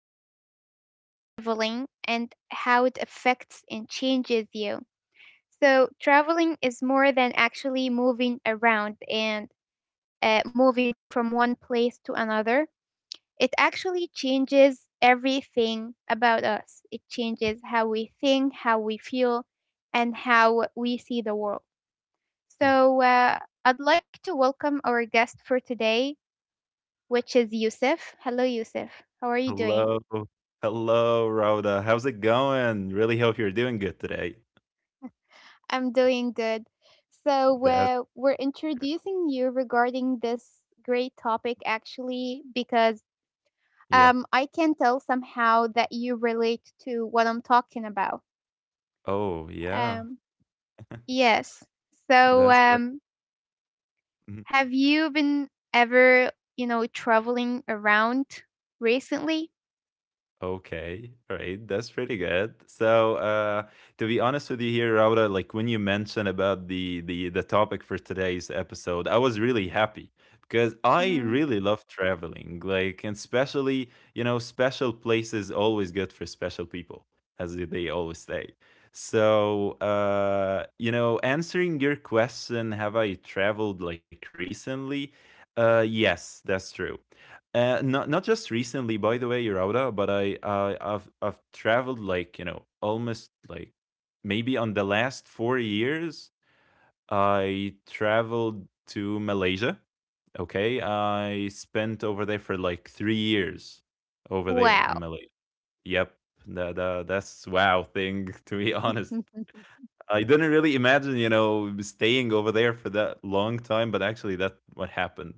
about traveling and how it affects and changes you. So, traveling is more than actually moving around and moving from one place to another. It actually changes everything about us. It changes how we think, how we feel, and how we see the world. Yeah. So, I'd like to welcome our guest for today, which is Yusuf. Hello, Yusuf. How are you doing? Hello. Hello, Rhoda. How's it going? Really hope you're doing good today. I'm doing good. So, That's we're introducing you regarding this great topic actually because yeah. I can tell somehow that you relate to what I'm talking about. Oh, yeah. Um, yes. So, That's right. Mhm. have you been ever, traveling around recently? Okay, right. That's pretty good. So, to be honest with you here, Rauda, like when you mentioned about the topic for today's episode, I was really happy because I Hmm. really love traveling. Like, and especially, you know, special places always good for special people, as they always say. So, you know, answering your question, have I traveled like recently? Yes, that's true. Not just recently, by the way, Yurauda, but I've traveled like you know almost like maybe on the last 4 years I traveled to Malaysia. Okay, I spent over there for like 3 years over there in Wow. Malaysia. Yep, the that's wow thing to be honest. I didn't really imagine, you know, staying over there for that long time, but actually that what happened.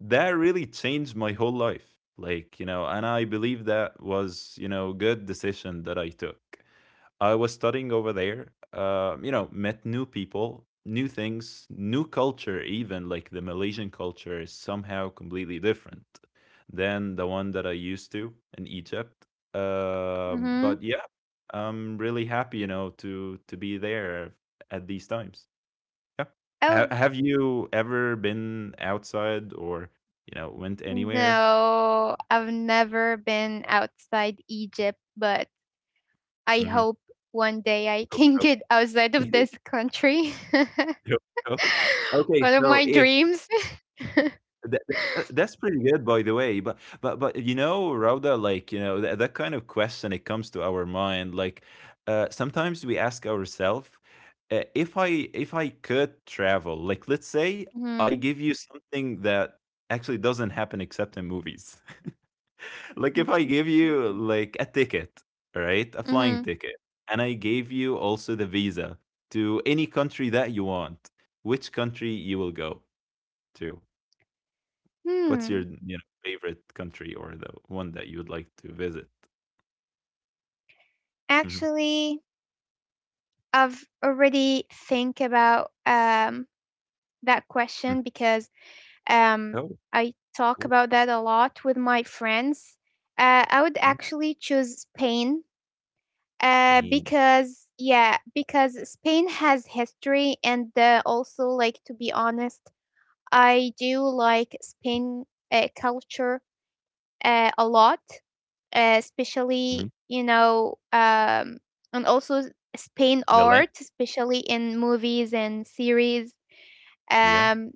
That really changed my whole life. Like, you know, and I believe that was, you know, good decision that I took. I was studying over there, you know, met new people, new things, new culture even like the Malaysian culture is somehow completely different than the one that I used to in Egypt. Hmm. But yeah, I'm really happy, you know, to be there at these times. Yeah. Oh. Have you ever been outside or you know went anywhere? No, I've never been outside Egypt, but I Hmm. hope one day I can get outside of this country. Okay, One of so my if dreams. That, that that's pretty good, by the way. But you know, Rauda, like you know, that kind of question it comes to our mind. Like sometimes we ask ourselves, if I could travel, like let's say I give Mhm, you something that actually doesn't happen except in movies. Like if I mhm, give you like a ticket, right, a flying mhm. ticket, and I gave you also the visa to any country that you want, which country you will go to? What's your, you Hmm. know, favorite country or the one that you would like to visit? Mhm. Actually, I've already think about that Mm. question because um Oh, I talk cool. about that a lot with my friends. I would Mhm. actually choose Spain. Spain. Because yeah, because Spain has history, and also like to be honest, I do like Spain culture a lot, Mhm. especially and also Spain The length? art, especially in movies and series. Yeah. um,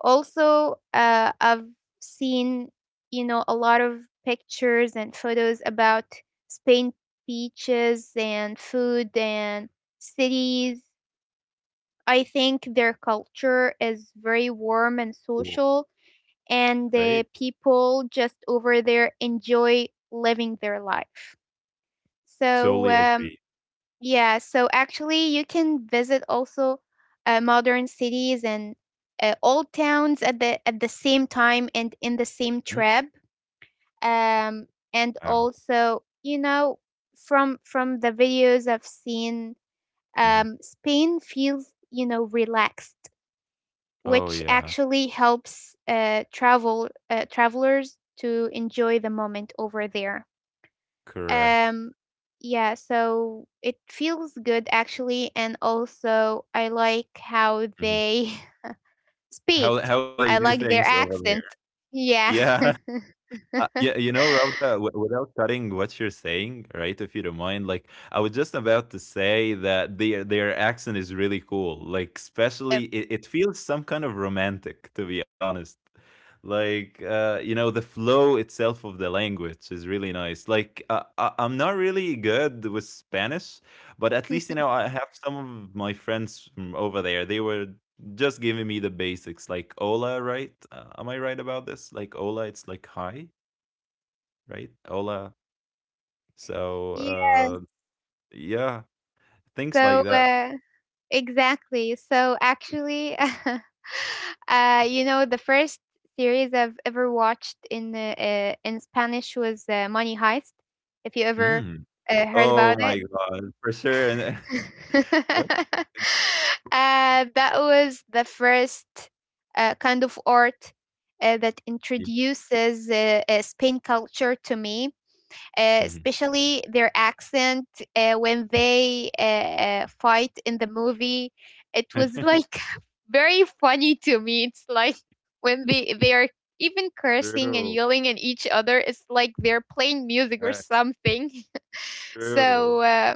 Also, I've seen, a lot of pictures and photos about Spain beaches and food and cities. I think their culture is very warm and Cool, social, and right? the people just over there enjoy living their life. So, Totally agree. Yeah, so actually, you can visit also modern cities and old towns at the same time and in the same Mm, trip. Um, and wow. also, from the videos I've seen, Mhm. Spain feels relaxed, Oh, which yeah. actually helps travelers to enjoy the moment over there. Correct. Um, yeah, so it feels good actually, and also I like how Mhm. they speak. How they I do like things their over there. accent. Yeah. Yeah. Yeah, you know, Rob, without cutting what you're saying, right? If you don't mind, like I was just about to say that their accent is really cool. Like, especially Yep. It feels some kind of romantic, to be honest. Like, you know, the flow itself of the language is really nice. Like, I'm not really good with Spanish, but at least you know I have some of my friends from over there. They were just giving me the basics like hola, right? Am I right about this? Like hola, it's like hi, right? Hola. So, Yes. Yeah, things So like that. Exactly. So actually, the first series I've ever watched in Spanish was Money Heist. If you ever Mm. Heard Oh about it, my God, for sure. And then uh, that's that was the first kind of art that introduces Spain culture to me, hmm especially their accent when they fight in the movie. It was like very funny to me. It's like when they are even cursing and true. yelling at each other, it's like they're playing music or Right. something. True. So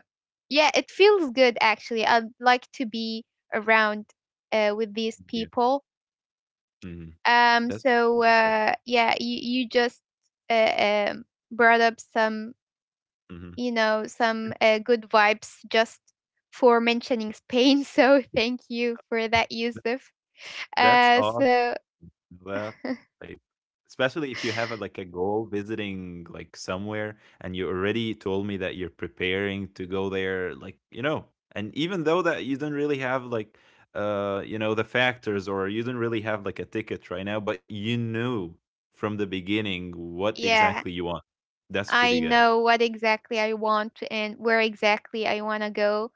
yeah, it feels good actually. I'd like to be around with these Yeah. people. Hmm. Um, That's so pretty good. uh, yeah, you just uh, um, brought up some, Hmm. you know, some good vibes just for mentioning Spain. So thank you for that, Yusuf. That's awesome. So That like especially if you have a, like a goal visiting like somewhere and you already told me that you're preparing to go there like you know and even though that you don't really have like you know the factors or you don't really have like a ticket right now but you knew from the beginning what exactly yeah, you want. That's pretty I good. know what exactly I want and where exactly I want to go.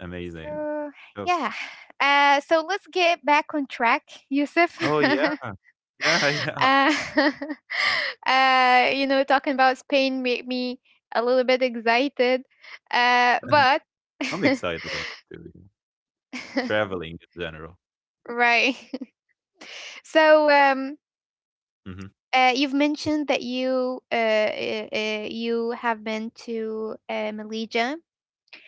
Amazing. So Oh, yeah, so let's get back on track, Yusuf. oh yeah. Yeah yeah, talking about Spain made me a little bit excited, but I'm excited about it, too, yeah. Traveling in general. right. So Hmm. You've mentioned that you have been to Malaysia.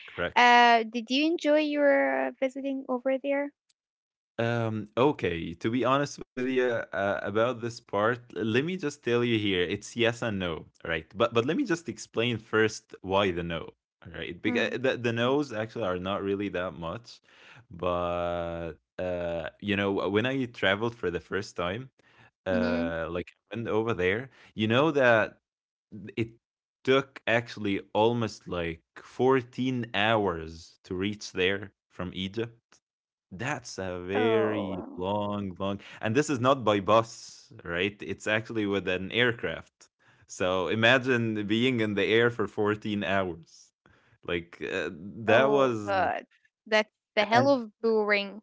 Correct. Did you enjoy your visiting over there? Okay, to be honest with you about this part, let me just tell you here, it's yes and no, all right? But let me just explain first why the no, all right? Because Mm. The no's actually are not really that much, but you know, when I traveled for the first time, Hmm. Like went over there, you know that it took actually almost like 14 hours to reach there from Egypt. That's a very Oh. long, long, and this is not by bus, right? It's actually with an aircraft. So imagine being in the air for 14 hours. Like that Oh, was, God. That's the hell and of blue ring.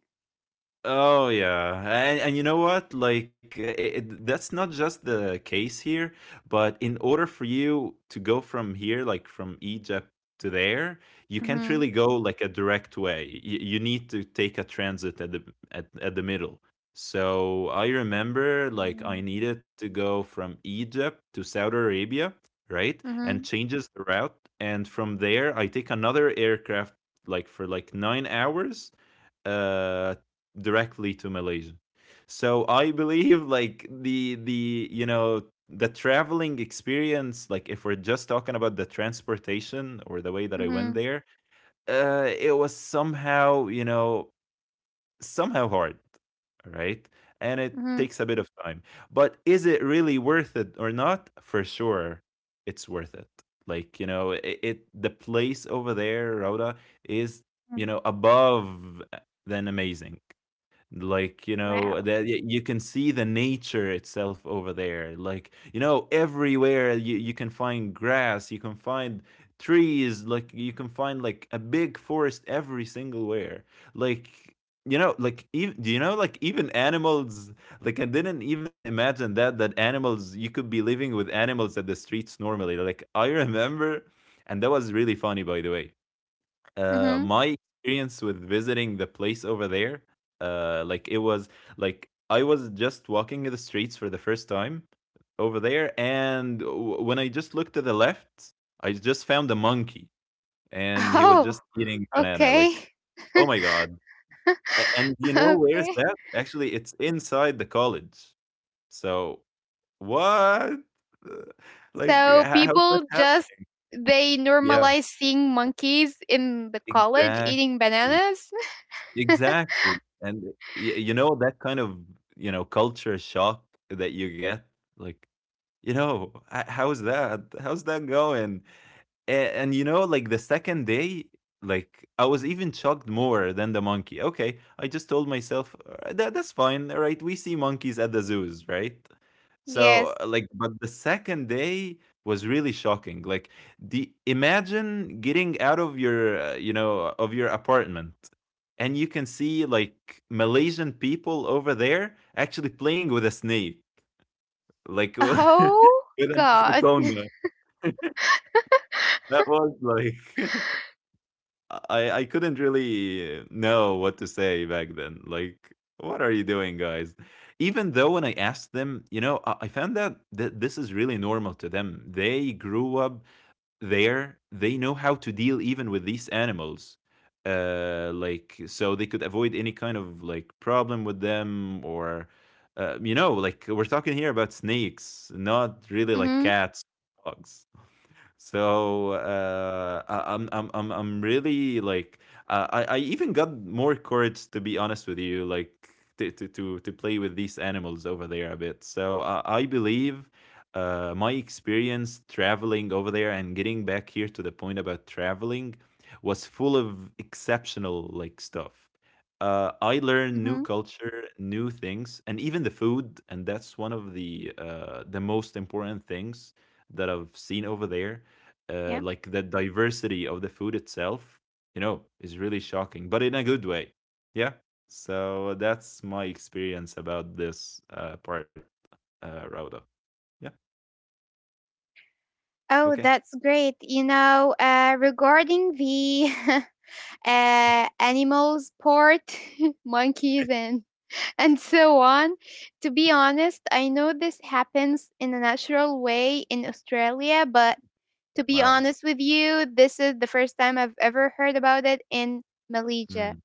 Oh yeah, and you know what? Like I that's not just the case here, but in order for you to go from here, like from Egypt to there, you can't Mhm. really go like a direct way. You need to take a transit at at the middle. So I remember like I Mhm. needed to go from Egypt to Saudi Arabia, right? And Mhm. changes the route, and from there I take another aircraft like for like 9 hours uh directly to Malaysia. So I believe like the you know the traveling experience like if we're just talking about the transportation or the way that I went Mhm. there, it was somehow, you know, somehow hard, right? And it Mhm. takes a bit of time. But is it really worth it or not? For sure, it's worth it. Like, you know, it the place over there, Rauda, is, Mhm. you know, above than amazing. Like you know Wow. that you can see the nature itself over there. Like you know everywhere you can find grass, you can find trees, like you can find like a big forest every single where. Like you know, like even do you know, like even animals, like I didn't even imagine that animals you could be living with animals at the streets normally. Like I remember, and that was really funny by the way, Mhm. my experience with visiting the place over there, like it was like I was just walking the streets for the first time over there, and when I just looked to the left, I just found a monkey, and he was Oh, just eating banana. okay. Like, oh my god! And you know where's Okay. that? Actually, it's inside the college. So what? Uh, Like, So h- how did that people just happen? they Yeah, normalize seeing monkeys in the college exactly. eating bananas? Exactly. And eh, y You know, that kind of, you know, culture shock that you get, like, you know, "H how is that? How's that going?" And you know, like the second day, like I was even shocked more than the monkey. Okay, I just told myself, that that's fine, right? We see monkeys at the zoos, right?" So Yes. Like, but the second day was really shocking. Like the imagine getting out of your, you know, of your apartment. And you can see like Malaysian people over there actually playing with a snake, like with Oh, an God. anaconda. That was like I couldn't really know what to say back then. Like, what are you doing, guys? Even though when I asked them, you know, I found out that this is really normal to them. They grew up there. They know how to deal even with these animals. Like, so they could avoid any kind of like problem with them, or, you know, like we're talking here about snakes, not really like Mhm. cats, dogs. So I'm really like I even got more courage to be honest with you, like to play with these animals over there a bit. So I believe my experience traveling over there and getting back here to the point about traveling was full of exceptional like stuff. I learned new Mhm. culture, new things, and even the food, and that's one of the most important things that I've seen over there, Yeah. like the diversity of the food itself, you know, is really shocking, but in a good way. Yeah. So that's my experience about this part, Rauda. Yeah. Okay. Oh, that's great. Regarding the animals port, monkeys and so on, to be honest, I know this happens in a natural way in Australia, but to be Wow. honest with you, this is the first time I've ever heard about it in Malaysia. Mm,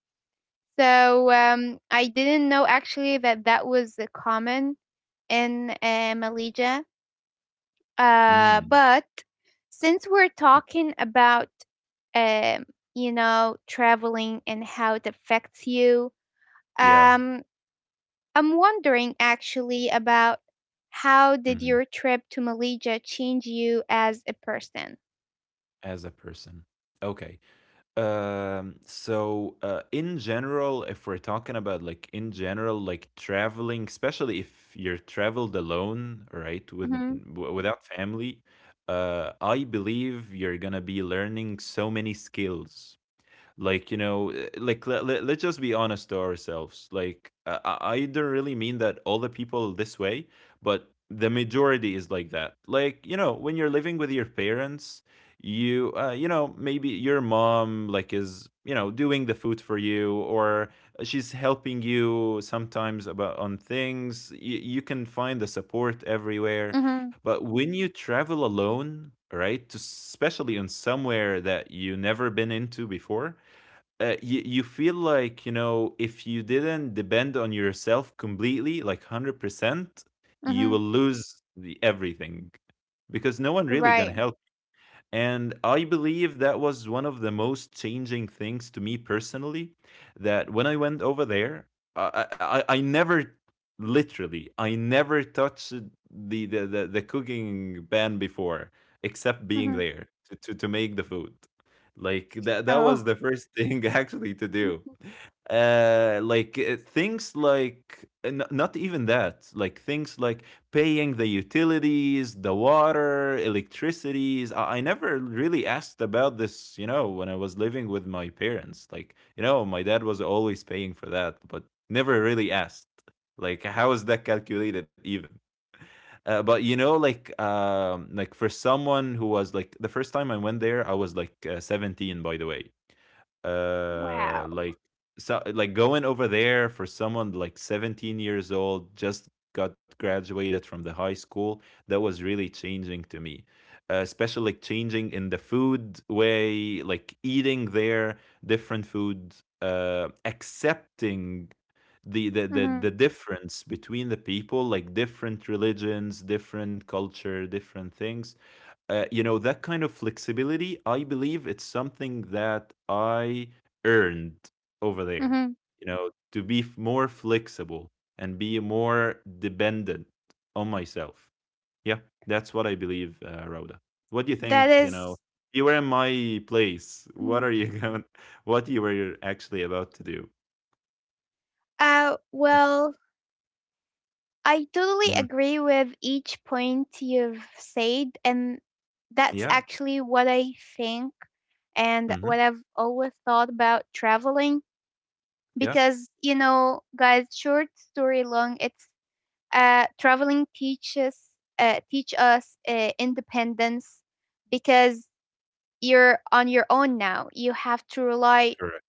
So I didn't know actually that that was common in Malaysia, mm. but since we're y- talking about, um, traveling and how it affects you, Yeah. um, I'm wondering actually about how did Hmm. your trip to Malaysia change you as a person? As a person. Okay. In general, if we're talking about like in general, like traveling, especially if you're traveled alone, right, with Mm-hmm. Without family, I believe you're gonna be learning so many skills. Like you know like let's just be honest to ourselves. Like I don't really mean that all the people this way, but the majority is like that. Like you know when you're living with your parents, you you know maybe your mom like is you know doing the food for you, or she's helping you sometimes about on things. You can find the support everywhere, Mm-hmm. but when you travel alone, right, to especially in somewhere that you never been into before, you you feel like you know if you didn't depend on yourself completely like 100%, you will Mm-hmm. lose the, everything, because no one really gonna Right. help. And I believe that was one of the most changing things to me personally. That when I went over there, I never literally, I never touched the cooking pan before, except being Mm-hmm. there to make the food. Like that Oh. was the first thing actually to do things like not even that, like things like paying the utilities, the water, electricities. I never really asked about this, you know, when I was living with my parents. Like, you know, my dad was always paying for that, but never really asked. Like, how is that calculated even? But you know, like for someone who was, like, the first time I went there, I was like 17, by the way uh Wow. like so like going over there for someone like 17 years old just got graduated from the high school, that was really changing to me, especially like changing in the food way, like eating there, different food, accepting the, the the Mm-hmm. the difference between the people, like different religions, different culture, different things. You know, that kind of flexibility, I believe it's something that I earned over there, Mm-hmm. you know, to be more flexible and be more dependent on myself. Yeah, that's what I believe. Rhoda, what do you think? That. You know, you were in my place, what Mm-hmm. are you going, what you were actually about to do? Well, I totally Mhm. agree with each point you've said, and that's Yeah. actually what I think and what Hmm. I've always thought about traveling. Yeah. Because, you know, guys, short story long, it's traveling teach us independence because you're on your own now. You have to rely Correct.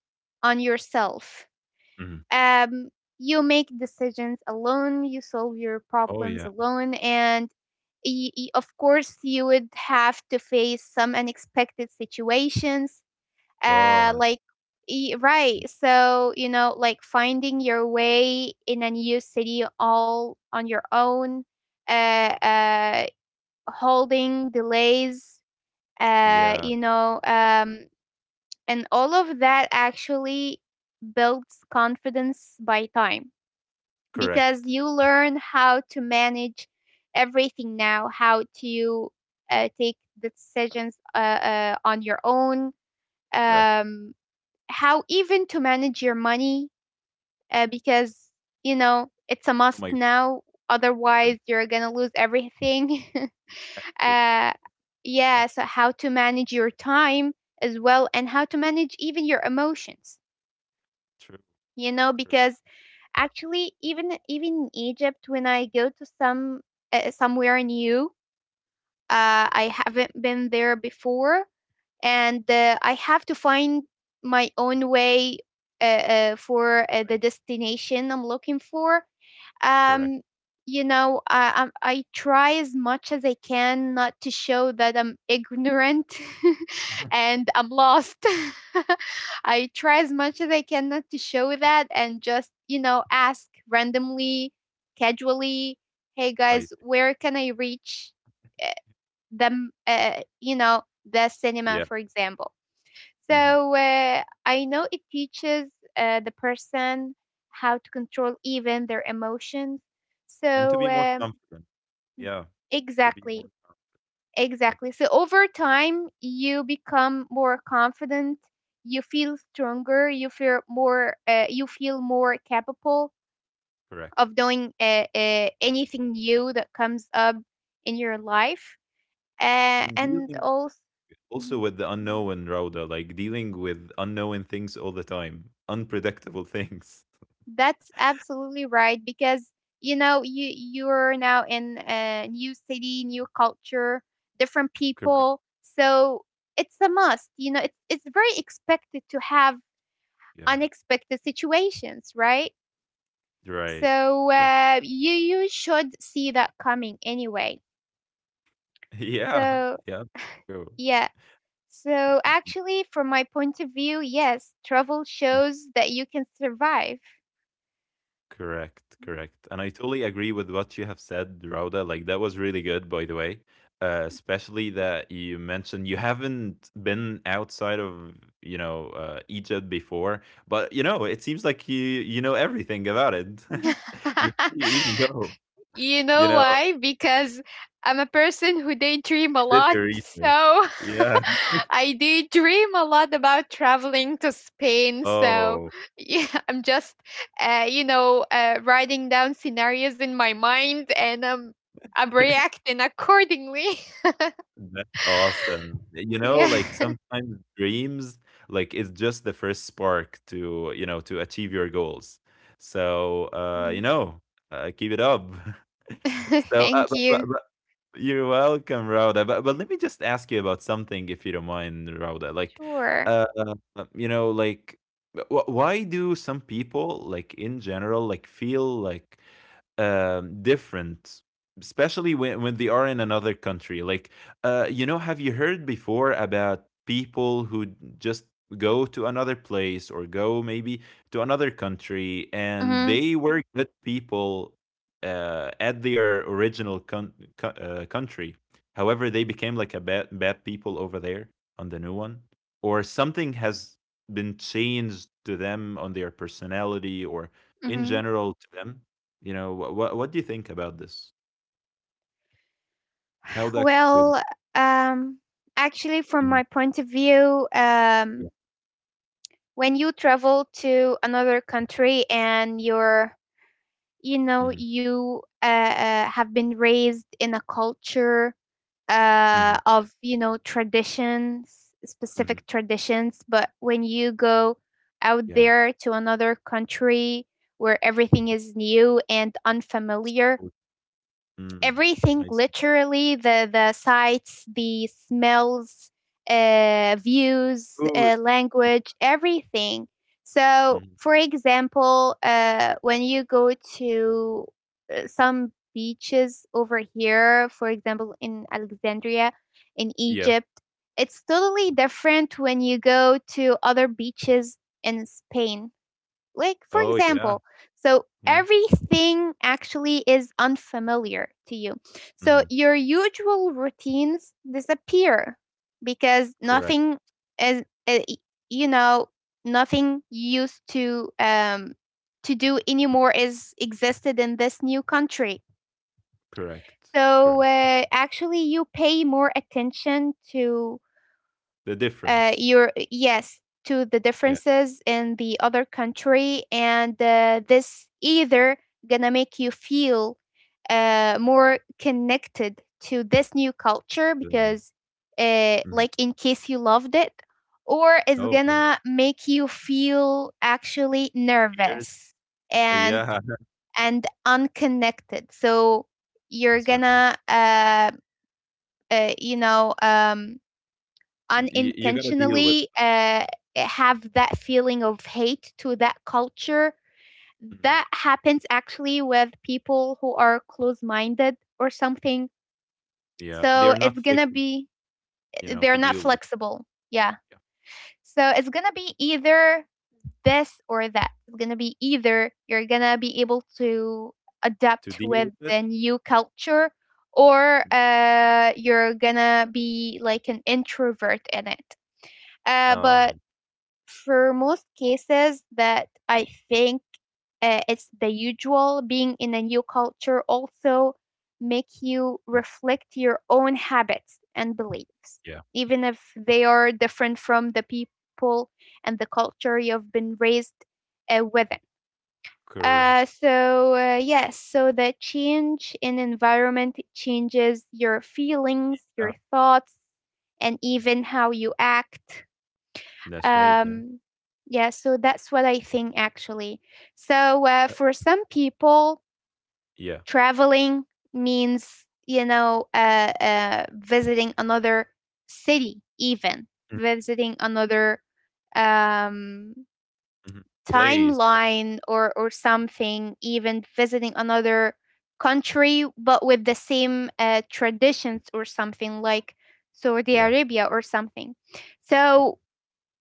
on yourself. Mhm. um, you make decisions alone, you solve your Oh yeah. problems alone, and of course, you would have to face some unexpected situations. Lot. Like, right. So, like finding your way in a new city all on your own, uh, uh, holding delays, uh, Yeah. you know, um, and all of that actually builds confidence by time because Correct, you learn how to manage everything now, how to take the decisions on your own, correct. um, how even to manage your money, because you know it's a Oh must my. now. Otherwise, you're gonna lose everything. Exactly. uh, Yeah. yeah, so how to manage your time as well, and how to manage even your emotions. True. You know, True. because Actually, even in Egypt, when I go to some somewhere new, Mhm. I haven't been there before, and I have to find my own way for Right. the destination I'm looking for. Correct. um I, try as much as I can not to show that I'm ignorant and I'm lost. I try as much as I can not to show that and just ask randomly, casually, "Hey I guys, see. where can I reach them, the cinema, Yeah. for example?" Hmm. So I know it teaches the person how to control even their emotions. And to So be more confident. Yeah. To be more exactly, confident. Yep. exactly. So over time, you become more confident. You feel stronger. You feel more capable Correct. of doing anything new that comes up in your life. And And dealing also, also mm-hmm. with the unknown, Rauda, like dealing with unknown things all the time, unpredictable things. That's absolutely right because you know you're now in a new city, new culture, different Correct. people. So it's a must. You know, it's very expected to have Yeah. unexpected situations, right? Right. So Yeah. You should see that coming anyway. Yeah. So Yeah. True. yeah. So actually, from my point of view, yes, travel shows that you can survive. Correct, correct. And I totally agree with what you have said, Rauda. Like that was really good, by the way. Especially that you mentioned you haven't been outside of, you know, Egypt before, but you know it seems like you know everything about it Hm. before you even go. You You know know, why? Because I'm a person who daydream a you did lot. your research. So Yeah. I daydream a lot about traveling to Spain. So Oh. yeah, I'm just, writing down scenarios in my mind and I'm reacting accordingly. That's awesome. You know, Yeah. like sometimes dreams, like it's just the first spark to, you know, to achieve your goals. So, you Mhm. know, keep it up. So, uh, Thank but, but, you. but you're welcome, Rauda. But let me just ask you about something, if you don't mind, Rauda. Like, Sure. uh, you know, like, why do some people, like in general, like feel like different, especially when they are in another country. Like, you know, have you heard before about people who just go to another place, or go maybe to another country, and Mm-hmm. they were good people at their original country? However, they became like a bad people over there on the new one, or something has been changed to them on their personality or in Mm-hmm. general to them. You know what? What do you think about this? How that could. Well, um, actually, from Mhm, my point of view, yeah, when you travel to another country and you're you know mhm, you have been raised in a culture mhm, of traditions, mhm, specific traditions, but when you go out yeah. there to another country where everything is new and unfamiliar, Food. Mm. everything, I see. literally the sights, the smells, views, Food. Language, everything. So Mhm. for example, when you go to some beaches over here, for example, in Alexandria, in Yeah. Egypt, it's totally different when you go to other beaches in Spain, like, for Oh, yeah, example. So yeah. everything actually is unfamiliar to you, so Mhm. your usual routines disappear because Correct, nothing is y- you know nothing you used to do anymore is existed in this new country. correct, So correct. Actually you pay more attention to The difference. your, yes, to the Yeah, differences in the other country, and this either gonna make you feel more connected to this new culture um, because mhm. like, in case you loved it, or it's Oh, yeah. gonna make you feel actually Here, nervous and yeah. Unconnected, so you're That's right. gonna uh, you know um, You gotta deal with unintentionally have that feeling of hate to that culture. it. Mhm, That happens actually with people who are close minded or something. yeah. They are So not it's gonna flexible, be, you know, to they're not deal with, flexible. Yeah. yeah. So it's gonna be either this or that. It's gonna be either you're gonna be able to To adapt deal with with it? the new culture or you're gonna be like an introvert in it. Oh, But yeah. for most cases that I think it's the usual. Being in a new culture also make you Mm, reflect your own habits and beliefs, yeah. even if they are different from the people and the culture you've been raised within. Correct. So yes, so the change in environment changes your feelings, Yeah. your thoughts, and even how you act. That's right, yeah. um, yeah, so that's what I think actually. So Uh, for some people, yeah. traveling means, visiting another city, even Mm, visiting another um, mhm. Place. timeline, or something, even visiting another country, but with the same traditions or something, like Saudi Yeah. Arabia or something. Mhm. So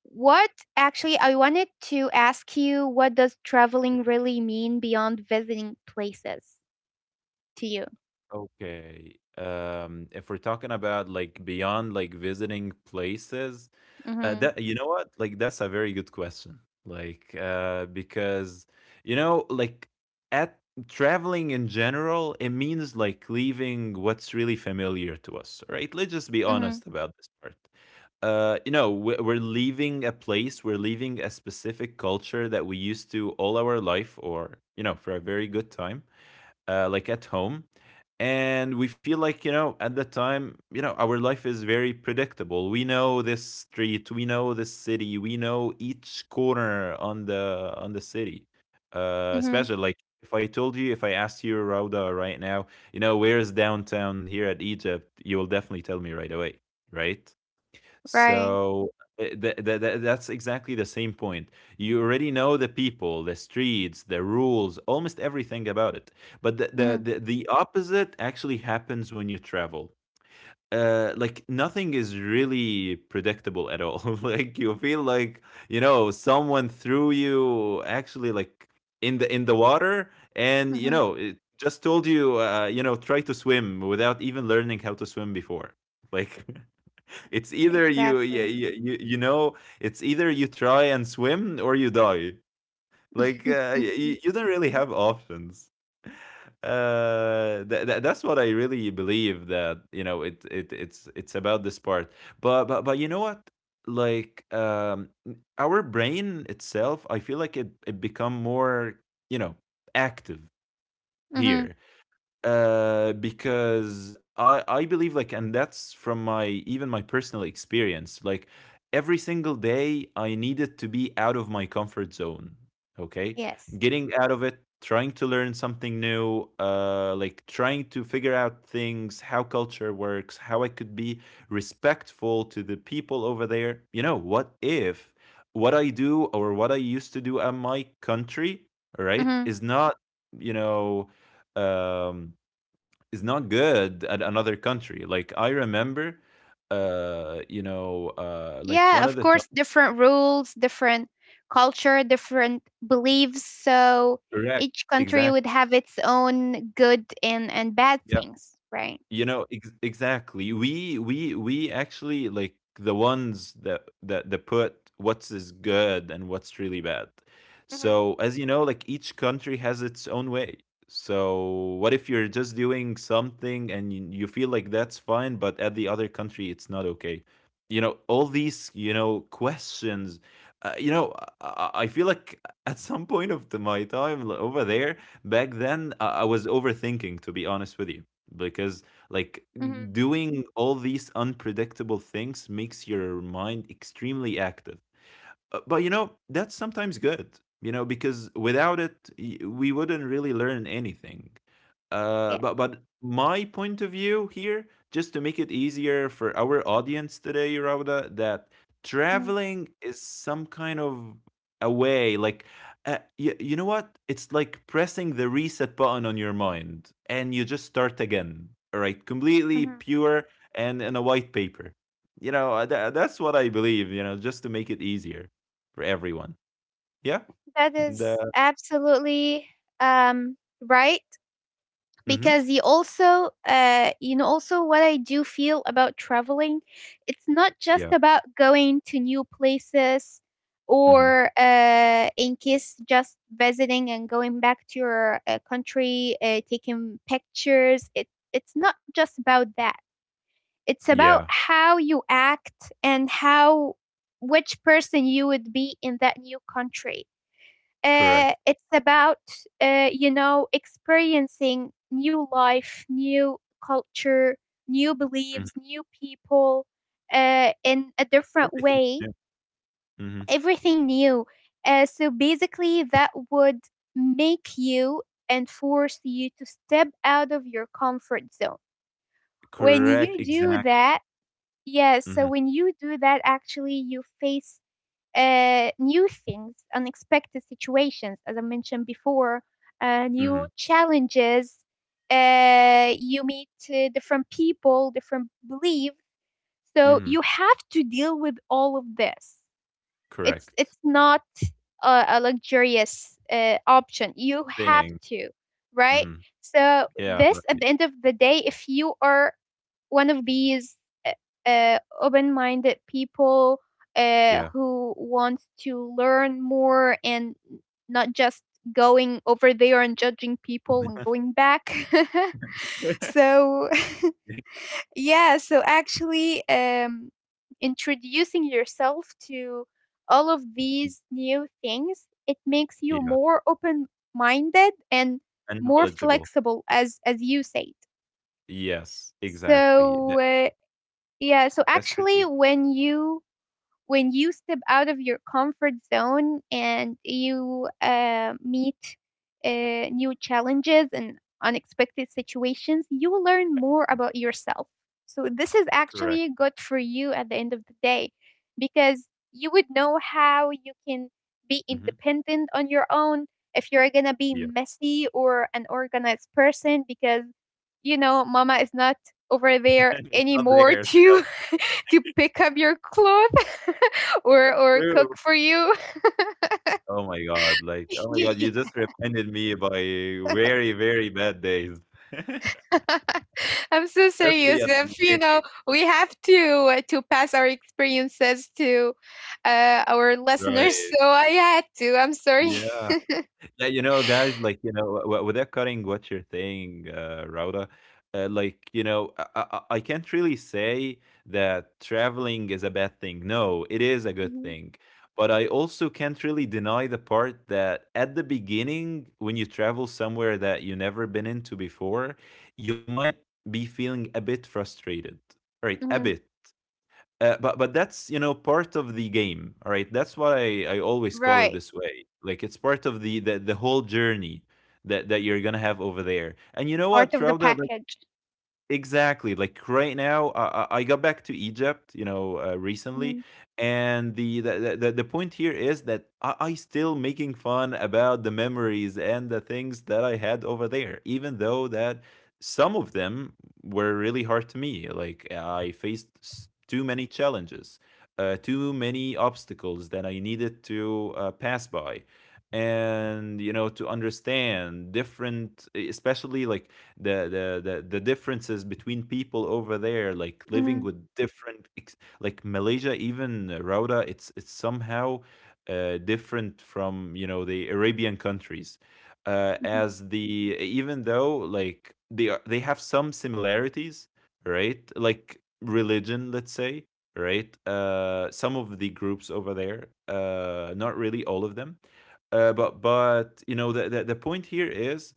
what actually, I wanted to ask you, what does traveling really mean beyond visiting places to you? Okay. If we're talking about like beyond, like, visiting places, Mm-hmm. that, you know what? Like that's a very good question. Like because, you know, like at traveling in general, it means like leaving what's really familiar to us, right? Let's just be honest Mm-hmm. about this part. You know, we're leaving a place, we're leaving a specific culture that we used to all our life, or, you know, for a very good time, like at home. And we feel like, you know, at that time, you know, our life is very predictable. We know this street, we know this city, we know each corner on the city. Mm-hmm. Especially like, if I told you, if I asked you, Rauda, right now, you know where is downtown here at Egypt, you will definitely tell me right away, right? Right. So that's exactly the same point. You already know the people, the streets, the rules, almost everything about it. But the, the, Mm-hmm. the, the opposite actually happens when you travel. Like nothing is really predictable at all. Like you feel like, you know, someone threw you actually, like, in the water, and you Mm-hmm. know it just told you, you know, try to swim without even learning how to swim before, like. It's either you, yeah, Exactly. You know, it's either you try and swim, or you die, like. Mm-hmm. You don't really have options. That's what I really believe, that, you know, it's about this part. But you know what? Like, our brain itself, I feel like it become more, you know, active Mm-hmm. here because I believe like, and that's from my even my personal experience, like every single day I needed to be out of my comfort zone, okay, Yes. getting out of it, trying to learn something new, like trying to figure out things, how culture works, how I could be respectful to the people over there. You know, what if what I do or what I used to do at my country, right, Mm-hmm. is not, you know, um, is not good at another country. Like I remember, you know, like Yeah, one of of the top, course, different rules, different culture, different beliefs. So correct, each country exact, would have its own good and bad yeah. things, right? You know, ex exactly. We actually, like, the ones that put what's is good and what's really bad. Mm-hmm. So as you know, like each country has its own way. So what if you're just doing something and you feel like that's fine, but at the other country it's not okay? You know, all these, you know, questions. You know, I feel like at some point of my time over there back then, I was overthinking, to be honest with you, because, like, Mm-hmm. doing all these unpredictable things makes your mind extremely active. But you know, that's sometimes good, you know, because without it, we wouldn't really learn anything. Yeah. But my point of view here, just to make it easier for our audience today, Rauda, that traveling is some kind of a way, like, you know what? It's like pressing the reset button on your mind, and you just start again. All right, completely Mm-hmm. pure and in a white paper. You know, that's what I believe. You know, just to make it easier for everyone. Yeah. That is The. absolutely um, right, Hmm. because you also you know, also what I do feel about traveling, it's not just Yeah. about going to new places Hmm. or in case just visiting and going back to your country, taking pictures. It's not just about that. It's about Yeah. how you act and how which person you would be in that new country. Correct. It's about, you know, experiencing new life, new culture, new Hmm. beliefs, new people, in a different Everything. way, Yeah. Hmm. everything new. So basically, that would make you and force you to step out of your comfort zone. When Correct. you Exact. do that, yes, Hmm. so when you do that, actually, you face new things, unexpected situations, as I mentioned before, Hmm. new challenges. You meet different people, different beliefs. So Hmm. you have to deal with all of this. It's Correct. it's not a, a luxurious option. You have Thing. to, right? Hmm. So Yeah. this, at Right. the end of the day, if you are one of these uh, open-minded people Yeah. who want to learn more and not just going over there and judging people and going back. So Yeah, so actually, introducing yourself to all of these new things, it makes you Yeah. more open-minded and And more knowledgeable. flexible, as you said. Yes. Exactly. So uh, yeah, so That's really actually, good. When you step out of your comfort zone and you meet new challenges and unexpected situations, you learn more about yourself. So this is Correct. actually good for you at the end of the day, because you would know how you can be Hmm. independent on your own, if you're going to be Yeah. messy or an organized person. Because, you know, mama is not over there And it's not anymore there to help. To pick up your clothes or cook True. for you. Oh my god, like, oh my god, Yeah. you just reminded me by very, very bad days. I'm so Especially serious. at the If you beginning, know, we have to pass our experiences to our listeners. right? So I had to. I'm sorry. Yeah. Yeah, you know, guys, like, you know, without cutting what you're saying, Rauda, like, you know, I can't really say that traveling is a bad thing. No, it is a good Mhm, thing. But I also can't really deny the part that at the beginning, when you travel somewhere that you never been into before, you might be feeling a bit frustrated. Right, a mhm. bit. But that's, you know, part of the game, all right. That's why I always call it Right, this way. Like it's part of the whole journey that you're gonna have over there. And you know part what, of the Rauda, like, package. exactly. Like right now, I got back to Egypt, you know, recently, Mhm, and the the point here is that I still making fun about the memories and the things that I had over there, even though that some of them were really hard to me. Like I faced too many challenges, too many obstacles that I needed to pass by, and you know to understand different, especially like the differences between people over there, like living mhm, with different like Malaysia, even, Rauda, it's somehow, different from, you know, the Arabian countries. Mhm. As the even though like they are, they have some similarities, right? Like religion, let's say, right? Some of the groups over there, not really all of them. But you know the point here is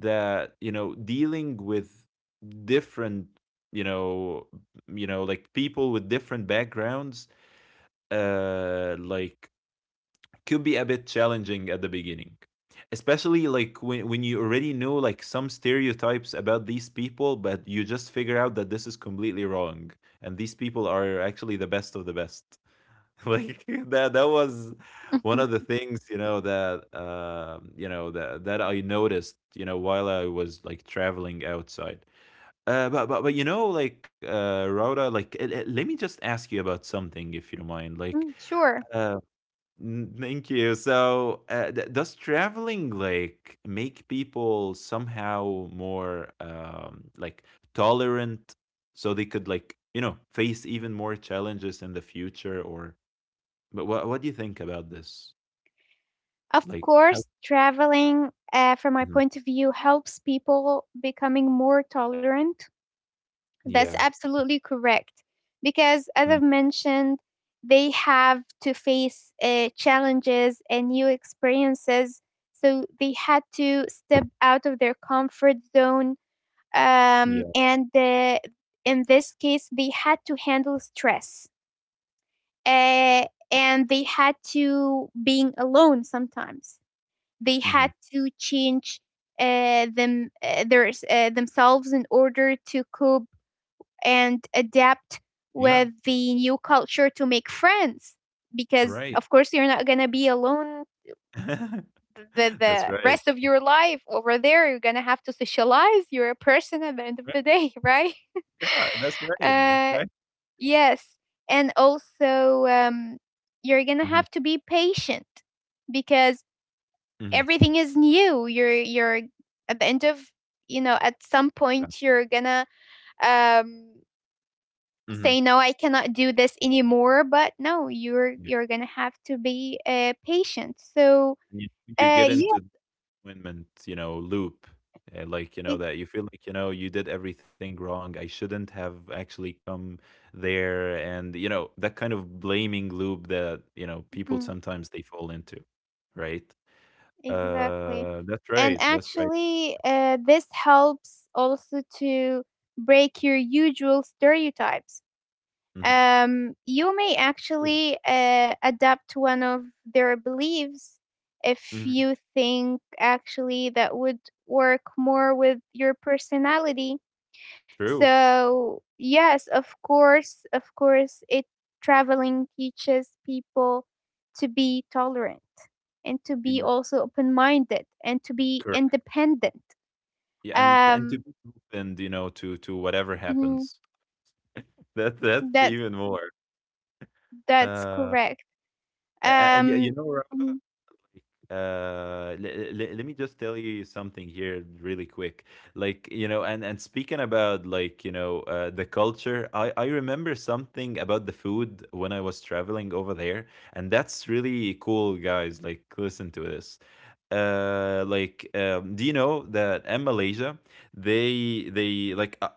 that you know dealing with different you know like people with different backgrounds uh like could be a bit challenging at the beginning especially when, you already know like some stereotypes about these people, but you just figure out that this is completely wrong and these people are actually the best of the best. Like that was one of the things, you know that that I noticed, while I was like traveling outside. But you know like rhoda like let me just ask you about something, if you don't mind. Like Mm, sure. uh thank you. So does traveling like make people somehow more like tolerant, so they could like, you know, face even more challenges in the future? Or but what do you think about this? Of Like how? course, traveling, from my Mhm. point of view, helps people becoming more tolerant. Yeah. That's absolutely correct. Because, Mm, as I've mentioned, they have to face challenges and new experiences. So they had to step out of their comfort zone. Yeah. And In this case, they had to handle stress. Uh, and they had to being alone sometimes. They Mhm. had to change them their, themselves in order to cope and adapt Yeah, with the new culture, to make friends, because of right. course you're not going to be alone the That's rest right. of your life over there. You're going to have to socialize. You're a person at the end of the Right, day, right? yeah, that's right, that's uh right. yes and also, you're going to have Mhm, to be patient because mhm, everything is new. You're at the end of, you know, at some point yeah, you're going to, um mhm, say no, I cannot do this anymore. But no, you're yeah, you're gonna have to be patient. so and you uh get yeah into disappointment, you know, loop, and, like, you ex- know, that you feel like, you know, you did everything wrong, I shouldn't have actually come there, and, you know, that kind of blaming loop that, you know, people mhm, sometimes they fall into, right? exactly, That's and right, that's right. actually this helps also to break your usual stereotypes. Mhm. You may True. actually adapt one of their beliefs if Mhm. you think actually that would work more with your personality. True. So, yes, of course, it traveling teaches people to be tolerant and to In be the also open minded and to be correct. independent. Yeah, and to Um, be open, you know, to whatever hmm, happens. That's that's even more. that's Uh, correct. And yeah, you Um, know, hmm, let me just tell you something here really quick. Like, you know, and speaking about like, you know, the culture, I remember something about the food when I was traveling over there. And that's really cool, guys. Like, listen to this. Do you know that in Malaysia they like,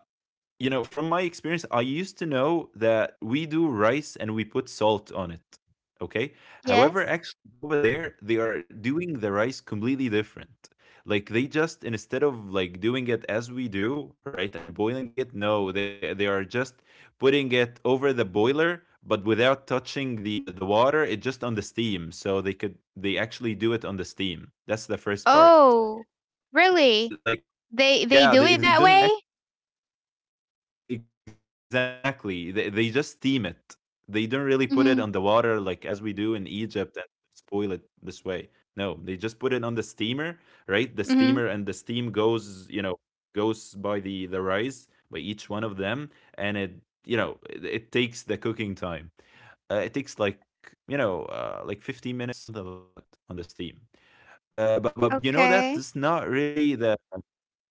you know, from my experience, I used to know that we do rice and we put salt on it. Okay. yes. However, actually over there, they are doing the rice completely different. Like, they just, instead of like doing it as we do, right, and boiling it, no, they are just putting it over the boiler, but without touching the water. It just on the steam. So they could, they actually do it on the steam. That's the first part. Oh, really? Like, They do yeah, it they that way? don't Exactly. They just steam it. They don't really put it on the water Hmm. like as we do in Egypt and spoil it this way. No, they just put it on the steamer, right? The steamer, and the Mm-hmm. steam goes, you know, goes by the rice, by each one of them, and it, you know, it takes the cooking time. It takes like, you know, like 15 minutes, something like that, on the steam. But you know, Okay. that is not really the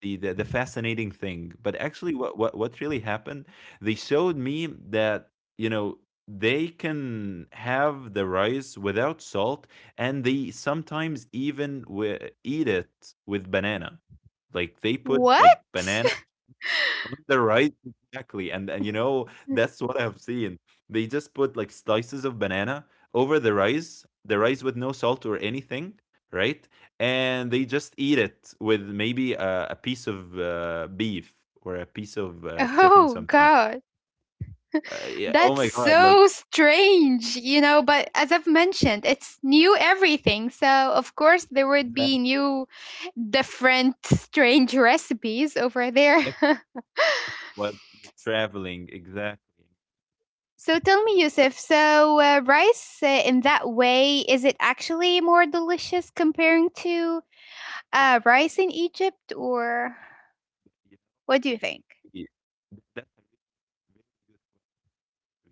the the, the fascinating thing. But actually, what, what really happened? They showed me that, you know, they can have the rice without salt, and they sometimes even eat it with banana. Like they put like What? banana on the. Right, exactly, and you know, that's what I've seen. They just put like slices of banana over the rice with no salt or anything, right? And they just eat it with maybe a piece of beef, or a piece of chicken Oh sometimes. God, Yeah. Oh that's my God! Like so strange, you know. But as I've mentioned, it's new everything. So, of course, there would be exactly new, different, strange recipes over there. what you're traveling, exactly. So, tell That me, that Yusuf, so rice in that way, is it actually more delicious comparing to uh, rice in Egypt, or you know what do you think? that yeah, that's a really, really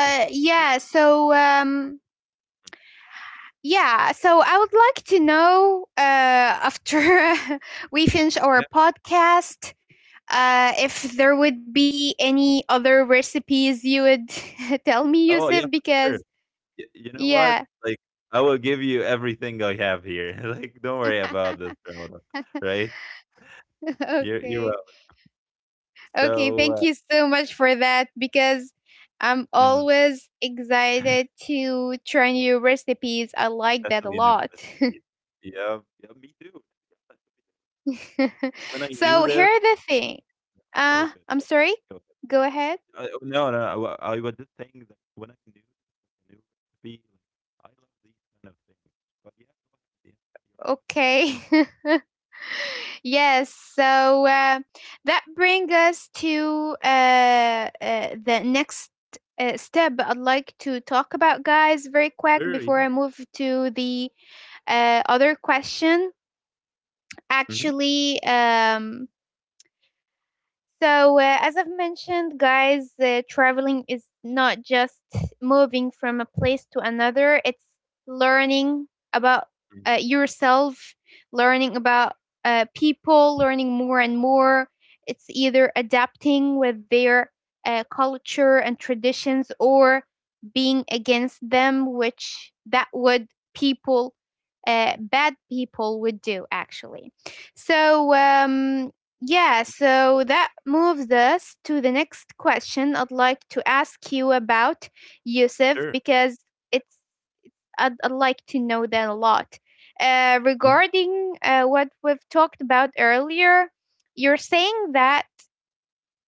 good question. yeah. So, um, yeah. So I would like to know after we finish Yeah. our podcast, if there would be any other recipes you would tell me, Oh yeah, Yusuf, for sure. because Y You know what? yeah. Like, I will give you everything I have here. Like, don't worry about this, Ramadan, right? You're Okay. welcome. Okay. So, Thank you so much for that because I'm mhm, always excited to try new recipes. I like that a especially new lot. recipes. Yeah, yeah, me too. When I knew So here this, are the thing. that was good. I'm Yeah, sorry. go Go ahead. ahead. I, oh, no, no, I was just saying that when I knew this new recipe, like, I love these kind of things. But yeah, go ahead. Yeah, you're about to say Okay. something. Yes. So that brings us to the next step. I'd like to talk about, guys, very quick Sure, yeah. before I move to the other question. Mhm, Actually, so, as I've mentioned, guys, traveling is not just moving from a place to another, it's learning about mhm. Yourself, learning about people, learning more and more. It's either adapting with their culture and traditions or being against them, which that would people, bad people, would do actually. So, yeah, so that moves us to the next question I'd like to ask you about, Yusuf, Sure. because it's I'd like to know that a lot. Mhm, Regarding what we've talked about earlier, you're saying that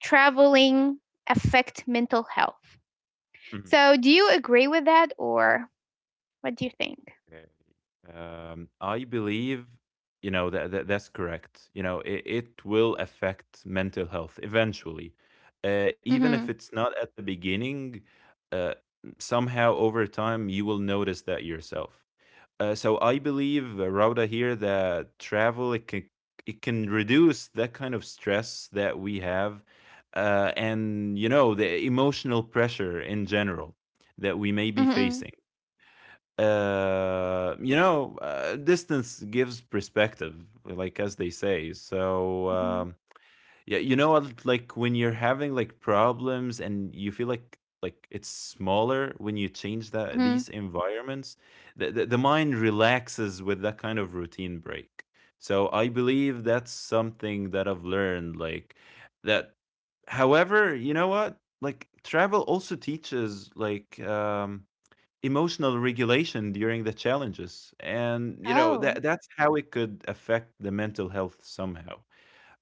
traveling affect mental health. mhm. So do you agree with that, or what do you think? Okay. I believe, you know, that, that's correct. You know, it will affect mental health eventually. Even if Mm-hmm. it's not at the beginning, uh, somehow over time you will notice that yourself. So I believe, Rauda, here, that travel it can reduce that kind of stress that we have, and you know the emotional pressure in general that we may be Mm-hmm. facing, you know, distance gives perspective, like as they say. So Mm-hmm. Yeah, you know, what, like when you're having like problems and you feel like it's smaller when you change that Mm-hmm. these environments, the mind relaxes with that kind of routine break. So I believe that's something that I've learned, like that. However, you know what? Like travel also teaches like emotional regulation during the challenges, and, you know, Oh. That's how it could affect the mental health somehow.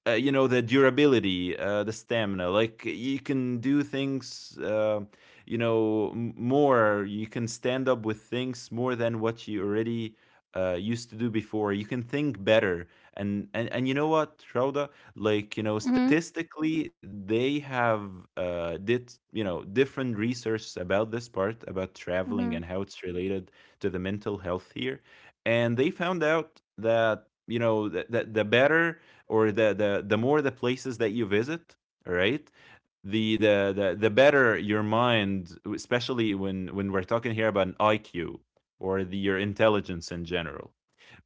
Uh, you know, the durability, the stamina, like you can do things, you know, more, you can stand up with things more than what you already used to do before. You can think better. And and you know what, Rauda, like you know Mm-hmm. statistically they have, did you know, different research about this part about Mm-hmm. traveling and how it's related to the mental health here. And they found out that, you know, that the better, or the more the places that you visit, right, the better your mind, especially when we're talking here about an IQ, or the, your intelligence in general,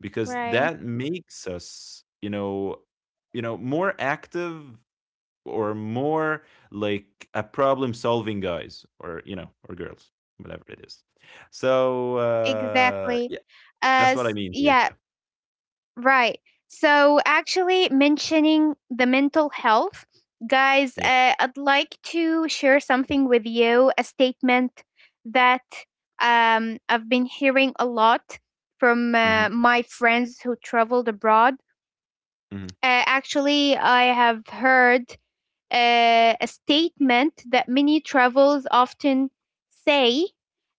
because Right. that makes us, you know, more active, or more like a problem solving guys, or you know, or girls, whatever it is. So Exactly. yeah, that's what I As mean here. yeah, Yeah, right. So, actually, mentioning the mental health, guys, yeah, I'd like to share something with you, a statement that I've been hearing a lot from hmm, my friends who traveled abroad. hmm, Actually, I have heard a statement that many travels often say,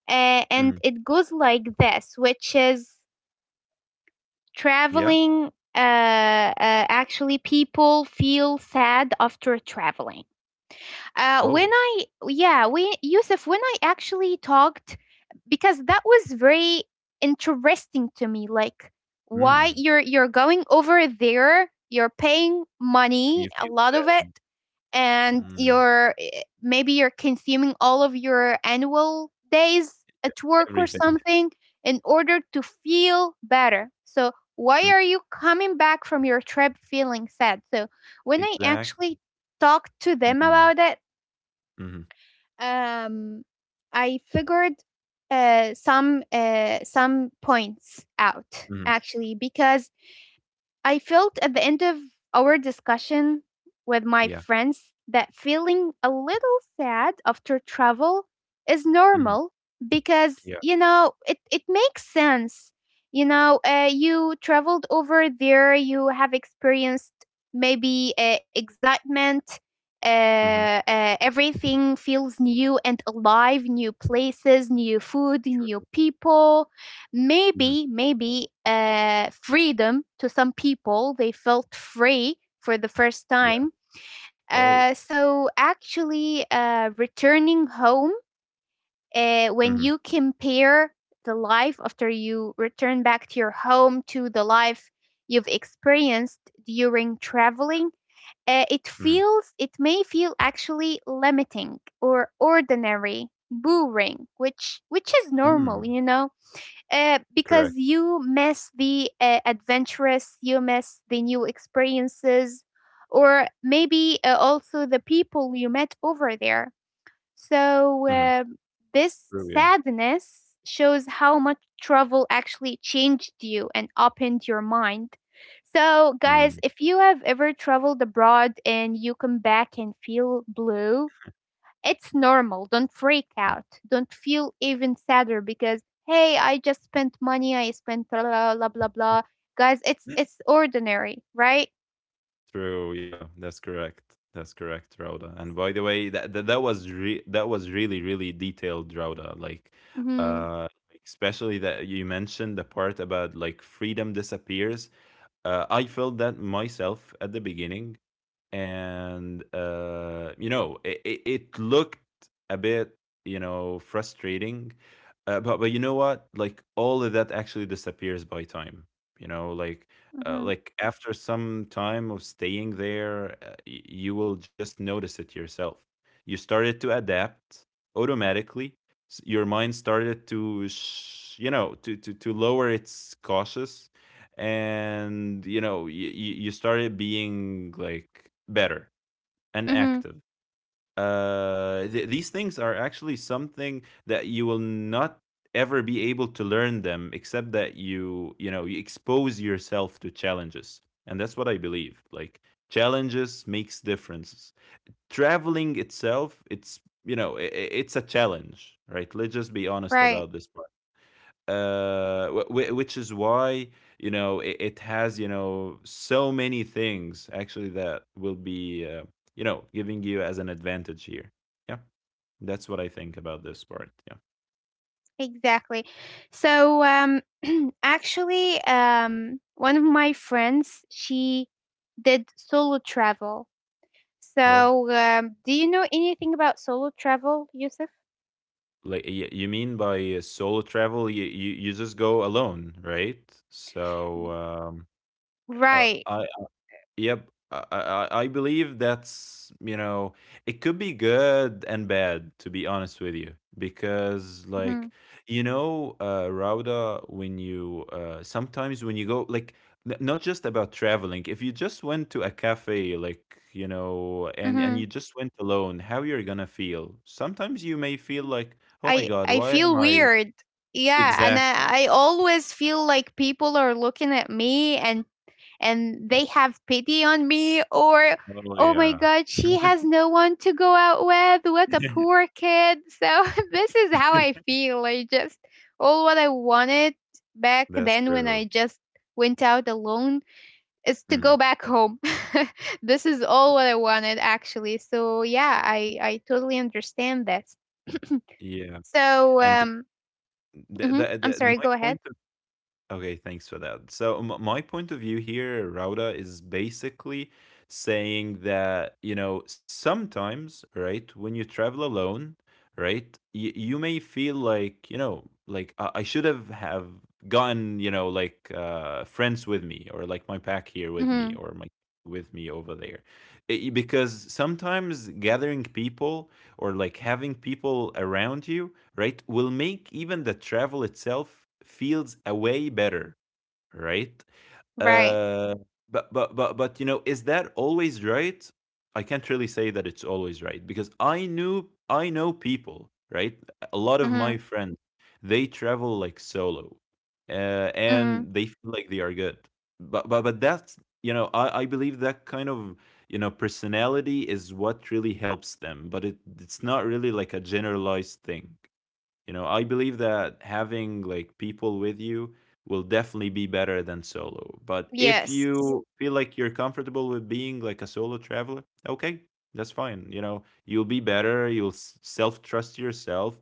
hmm, and it goes like this, which is yeah, traveling actually people feel sad after traveling when oh. I, yeah, we Yusuf, when I actually talked, because that was very interesting to me. Like, why Mm, you're going over there, you're paying and money, you a feel lot of it, sad. and Mm, you're maybe you're consuming all of your annual days at work or everything. something in order to feel better. So why Mm, are you coming back from your trip feeling sad? So when I exact, actually talked to them mhm, about it, mhm, um I figured some points out mhm, actually, because I felt at the end of our discussion with my yeah, friends that feeling a little sad after travel is mhm, normal because, yeah, you know, it makes sense. You know, you traveled over there, you have experienced maybe excitement, mhm, everything feels new and alive, new places, new food, true, new people, mhm, maybe freedom. To some people, they felt free for the first yeah. time. Oh, So actually, returning home, when mhm, you compare the life after you return back to your home to the life you've experienced during traveling, it mhm, feels, it may feel actually limiting or ordinary, boring, which is mm, normal, you know, because correct. you miss the adventurous, you miss the new experiences, or maybe also the people you met over there. So, Mhm, this true, yeah. sadness shows how much travel actually changed you and opened your mind. So, guys, Mm. if you have ever traveled abroad and you come back and feel blue, it's normal. Don't freak out. Don't feel even sadder because hey, I just spent money. I spent blah blah blah blah blah. Guys, it's ordinary, right? True, yeah, that's correct. That's correct, Rauda. And by the way, that was that was really really detailed, Rauda. Mhm. Like, especially that you mentioned the part about like freedom disappears. I felt that myself at the beginning, and you know, it, it looked a bit, you know, frustrating. But you know what? Like, all of that actually disappears by time. You know, Mhm. like after some time of staying there, you will just notice it yourself. You started to adapt automatically. Your mind started to, you know, to, to lower its cautious, and you know, you started being like better and Mhm. active. These things are actually something that you will not ever be able to learn them, except that you know, you expose yourself to challenges. And that's what I believe, like, challenges makes differences. Traveling itself, it's you know, it's a challenge, right? Let's just be honest Right. about this part. Which is why, you know, it has, you know, so many things actually that will be, you know, giving you as an advantage here. Yeah, that's what I think about this part. Yeah. Exactly. So actually one of my friends, she did solo travel. Oh, So, do you know anything about solo travel, Yusuf? like, you mean by solo travel, you you just go alone, right? So Right. I, yep. I believe that's, you know, it could be good and bad, to be honest with you. Because, Mm-hmm. like, you know, Rauda, when you sometimes when you go, like, not just about traveling, if you just went to a cafe, like, you know, and, you just went alone, how you're gonna feel? Sometimes you may feel like, oh my God, I why am feel I weird. Yeah, and exact? I always feel like people are looking at me and they have pity on me, or Oh, oh my yeah. god, she has no one to go out with, what a poor kid. So this is how I feel. I just all what I wanted back That's then when I true. just went out alone is to go Mm. back home. This is all what I wanted actually. So yeah, I totally understand that. Yeah. So And The, Mhm. the, I'm sorry, my go ahead. point of okay, thanks for that. So my point of view here, Rauda, is basically saying that, you know, sometimes, right, when you travel alone, right, you may feel like, you know, like I should have gotten you know, like friends with me, or like my pack here with me, Mhm. or my with me over there. Because sometimes gathering people, or like having people around you, right, will make even the travel itself feels a way better, right. Right. Uh, but you know, is that always right? I can't really say that it's always right, because I know people, right, a lot of my Mhm. friends, they travel like solo, Mhm. and they feel like they are good. But that's, you know, I believe that kind of, you know, personality is what really helps them, but it, it's not really like a generalized thing. You know, I believe that having like people with you will definitely be better than solo. But if Yes. you feel like you're comfortable with being like a solo traveler, okay, that's fine. You know, you'll be better, you'll self trust yourself.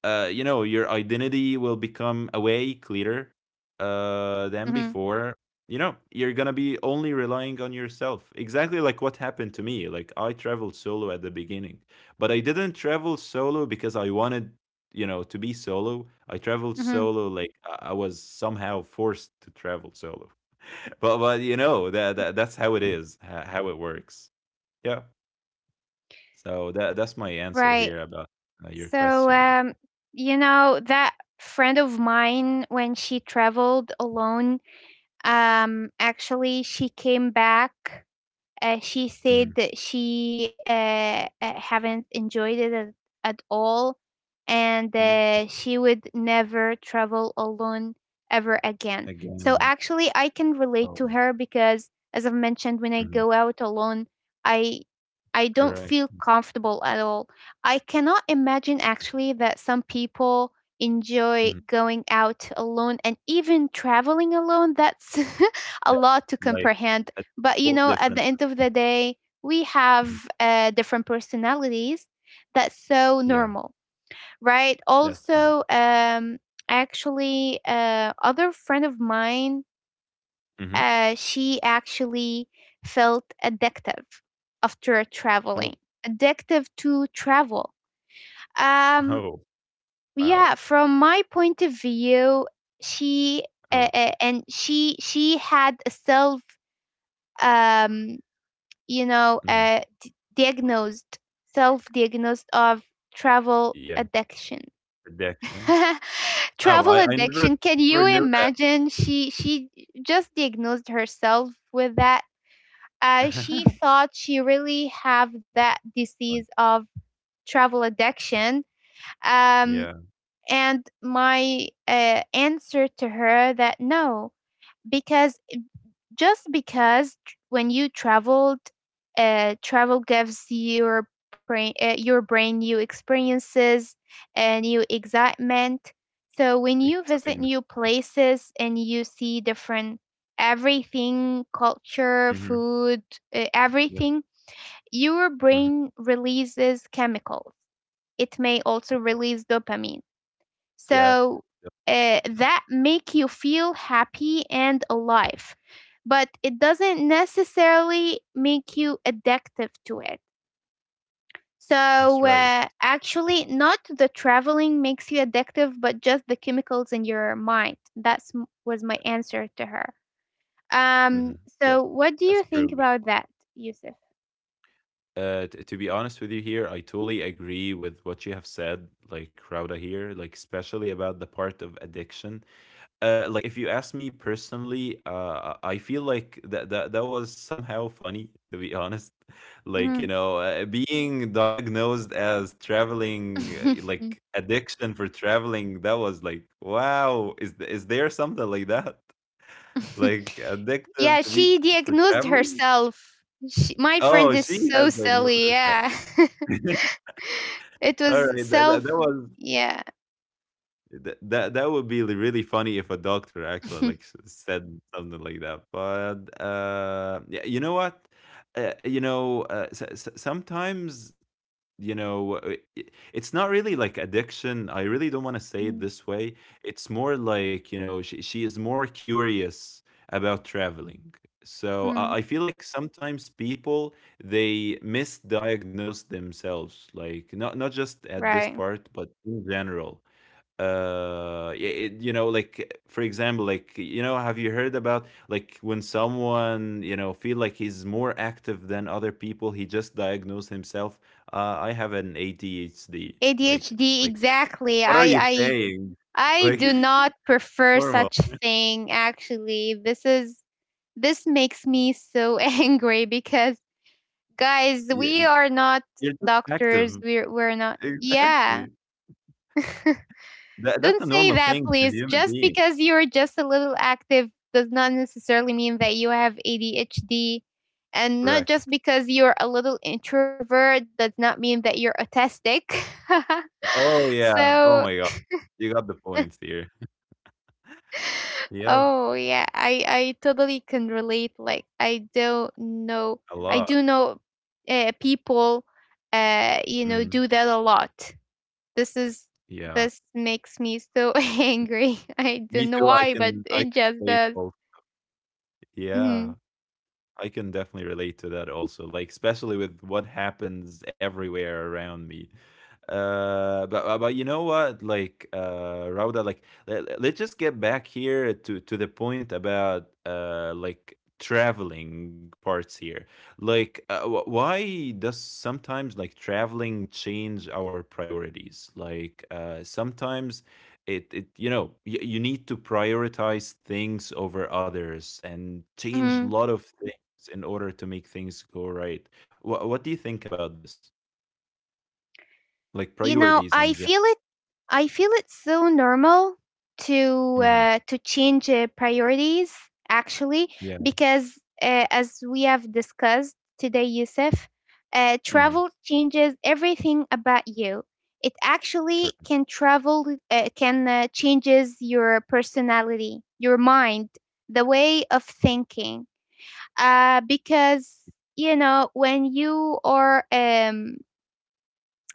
You know, your identity will become a way clearer than Mhm. before. You know, you're gonna be only relying on yourself. Exactly like what happened to me. Like I traveled solo at the beginning, but I didn't travel solo because I wanted to be solo. I traveled Mhm. solo, like I was somehow forced to travel solo. But you know that that's how it is, how it works, yeah. So that's my answer Right. here about your So, question, yeah. You know, that friend of mine, when she traveled alone, actually, she came back. She said Mhm. that she haven't enjoyed it at all. And Mm, she would never travel alone ever again. again. So actually, I can Oh, relate to her because, as I've mentioned, when I mhm, go out alone, I I don't correct. feel comfortable at all. I cannot imagine actually that some people enjoy Mhm. going out alone and even traveling alone. That's Yeah, a lot to like comprehend. a But you whole know, at different. the end of the day, we have Mhm. Different personalities. That's so Yeah, normal. Right. that's fine. Also, actually, other friend of mine, Hmm. She actually felt addictive after Oh. traveling, addictive to travel. Um, Oh, wow. yeah, from my point of view, she Oh, and she had a self, um, you know, mhm. Diagnosed, self-diagnosed of travel Yeah, addiction. addiction. Wow, Travel I never, addiction, I can you never knew that. imagine? She just diagnosed herself with that. She thought she really have that disease Fun. of travel addiction. um, Yeah, and my answer to her that no, because when you traveled, travel gives your brain new experiences and new excitement. So when you visit new exciting. places and you see different everything, culture, Mhm. food, Yep, everything, your mhm. brain releases chemicals, it may also release dopamine. Yep, So yep, that yeah, make you feel happy and alive, but it doesn't necessarily make you addictive to it. that's So right. Actually not the traveling makes you addictive, but just the chemicals in your mind. Was my answer to her. um Mhm. so Yeah, what do you that's think true. about that, Yusuf? T To be honest with you here, I totally agree with what you have said, like Rauda here, like especially about the part of addiction. Uh, like if you ask me personally, I feel like that was somehow funny to be honest. Like you Mhm. know, being diagnosed as traveling, like addiction for traveling, that was like, wow, is is there something like that? Like addictive Yeah, to be she for diagnosed traveling? herself. She, my friend Oh, is she so has diagnosed silly, yeah. herself. It All was right, self. that was. Yeah. That would be really funny if a doctor actually like said something like that. But yeah, you know what? You know, sometimes you know uh, i- it's not really like addiction. I really don't want to say it Mm, this way. It's more like, you know, she is more curious about traveling. So I mm, I feel like sometimes people, they misdiagnose themselves, like not just at this right. part, but in general. It, you know, like for example, like you know, have you heard about like when someone, you know, feel like he's more active than other people, he just diagnosed himself, I have an ADHD. like ADHD, like, exactly. what are you saying? I Like do not prefer normal. such thing, actually. This makes me so angry, because guys, Yeah, we are not you're just doctors. active. We're not, yeah. Exactly, that's Don't a say normal that, thing to please. human Just being. because you're just a little active does not necessarily mean that you have ADHD. And not Correct. just because you're a little introvert does not mean that you're autistic. Oh yeah. So, Oh my god, you got the points here. Yeah, oh yeah, I totally can relate. Like I don't know, a I lot. do know people, Mhm. Do that a lot. This is Yeah. this makes me so angry. I Me don't too, know why, but I can it relate just both. does. Yeah. Mhm, I can definitely relate to that also, like especially with what happens everywhere around me. But you know what? Like Rauda, like let's just get back here to the point about like traveling parts here. Like why does sometimes like traveling change our priorities? Like sometimes it, you know, you need to prioritize things over others and change a mhm. lot of in order to make things go right. What do you think about this? Like You know, priorities I and feel gen-. it. I feel it so normal Mhm. To change priorities, actually, Yeah, because as we have discussed today, Yusuf, hmm, travel changes everything about you. It actually correct, can travel can changes your personality, your mind, the way of thinking. Because you know when you are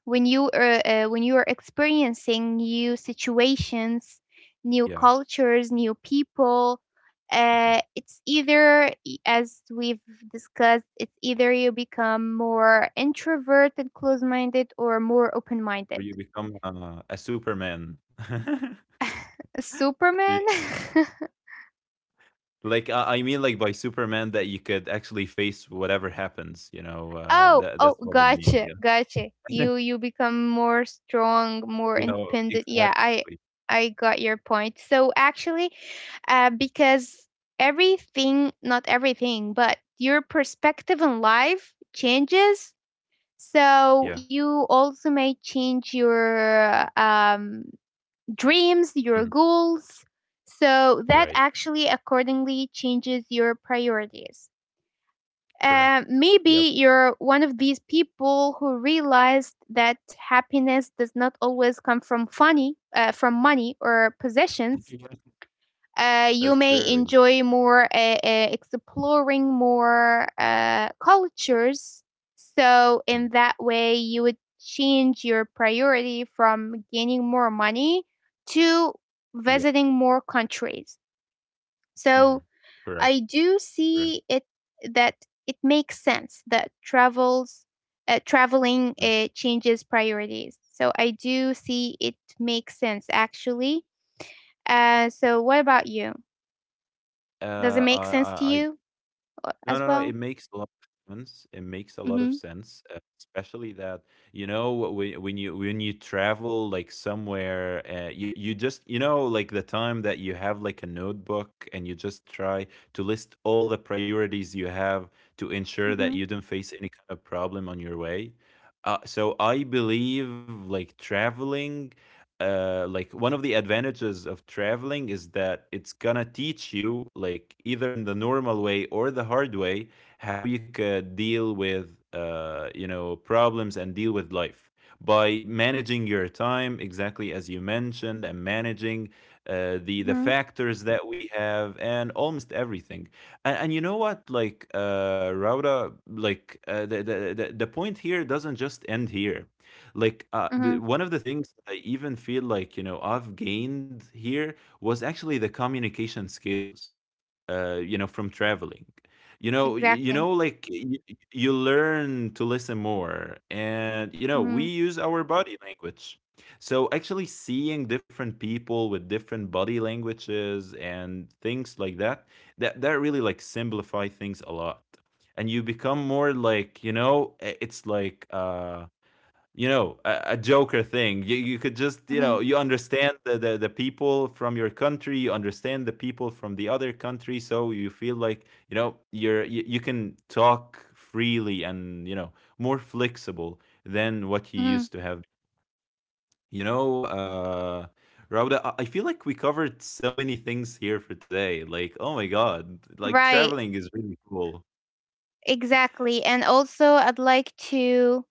when you are when you are experiencing new situations, new yeah. cultures, new people, Hmm. It's either as we've discussed, it's either you become more introvert and close-minded or more open-minded. Where you become a Superman. Superman. Yeah. Like I mean, like by Superman that you could actually face whatever happens. You know, Oh, that oh, that's what I mean. gotcha, gotcha. Yeah, you you become more strong, more you know independent, yeah. Exactly. I got your point. So actually, because everything, not everything, but your perspective in life changes. Yeah, So you also may change your dreams, mhm, your goals. So that right, actually accordingly changes your priorities. correct. Yep, Maybe you're one of these people who realized that happiness does not always come from money or possessions. That's You true. may Yeah, enjoy more exploring more cultures. So, hmm, in that way, you would change your priority from gaining more money to yeah. visiting more countries. Hmm, So, correct, I do correct. see it that it makes sense that travels Mhm. traveling changes priorities. So I do see it makes sense, actually. So what about you? Does it make sense to I you, No, no, no, as it well? makes a lot of sense. It makes a lot of Mhm, sense, especially that, you know, when when you travel like somewhere, you just, you know, like the time that you have like a notebook and you just try to list all the priorities you have to ensure that mhm, you don't face any kind of problem on your way. So I believe like traveling like one of the advantages of traveling is that it's gonna teach you like either in the normal way or the hard way how you could deal with you know, problems and deal with life by managing your time exactly as you mentioned and managing the mhm, factors that we have and almost everything. And you know what, like Rauda, like the point here doesn't just end here. Like, mhm, one of the things I even feel like, you know, I've gained here was actually the communication skills, you know, from traveling. You know, you exactly. know, like you learn to listen more, and you know, we Mhm, use our body language. So actually seeing different people with different body languages and things like that, that really like simplify things a lot. And you become more like, you know, it's like uh, you know, a joker thing. You could just, you mhm, know, you understand the people from your country, you understand the people from the other country, so you feel like, you know, you're you, you can talk freely and you know more flexible than what you mhm. used to have, you know uh, Rauda, I feel like we covered so many things here for today. Like, oh my god, like Right, traveling is really cool. exactly, and also I'd like to,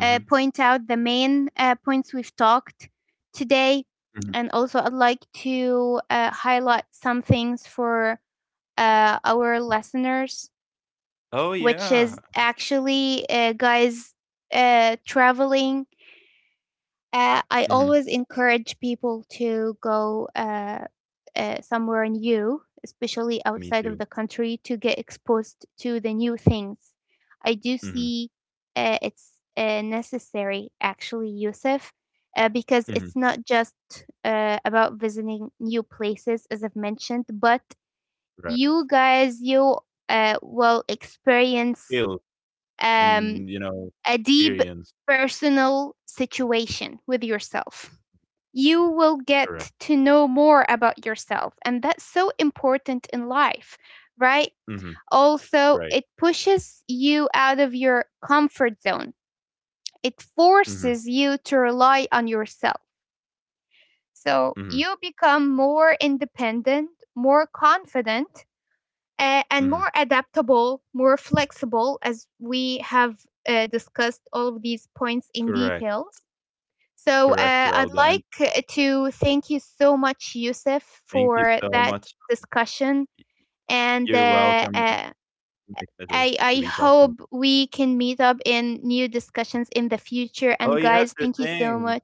Hmm. point out the main, points we've talked today, Hmm. and also I'd like to, highlight some things for, our listeners, Oh which is yeah. actually, guys, traveling. I Hmm. always encourage people to go somewhere new, especially Me outside of too. the country, to get exposed to the new things. I do Hmm. see it's necessary, actually, Yusuf, because it's Hmm. not just about visiting new places, as I've mentioned, but you Correct. guys, you will experience Skills. um, And, you know, a deep experience. personal situation with yourself. You will Correct. get to know more about yourself. And that's so important in life, right? Mhm. Also, it Right. pushes you out of your comfort zone, it Mhm. forces you to rely on yourself. So Mhm. you become more independent, more confident, and Mhm. more adaptable, more flexible, as we have discussed all of these points in detail. Correct. So Correct, I'd Rhoda, and like to thank you so much, Yusuf, thank you for so that much. discussion. And You're uh, welcome, and uh, it's my pleasure I to be talking. hope we can meet up in new discussions in the future. And Oh, yes, guys, sure thank you so thing. much.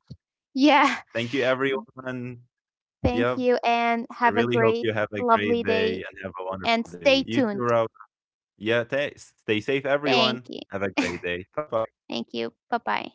Yeah, Thank you, everyone. thank Yep. you. And I have a really hope great, you have a lovely great day day. and have a And wonderful day. stay You too, tuned. Rhoda. Yeah, ta stay safe, Thank everyone. you. Have a great day. Bye-bye. Thank you. Bye bye.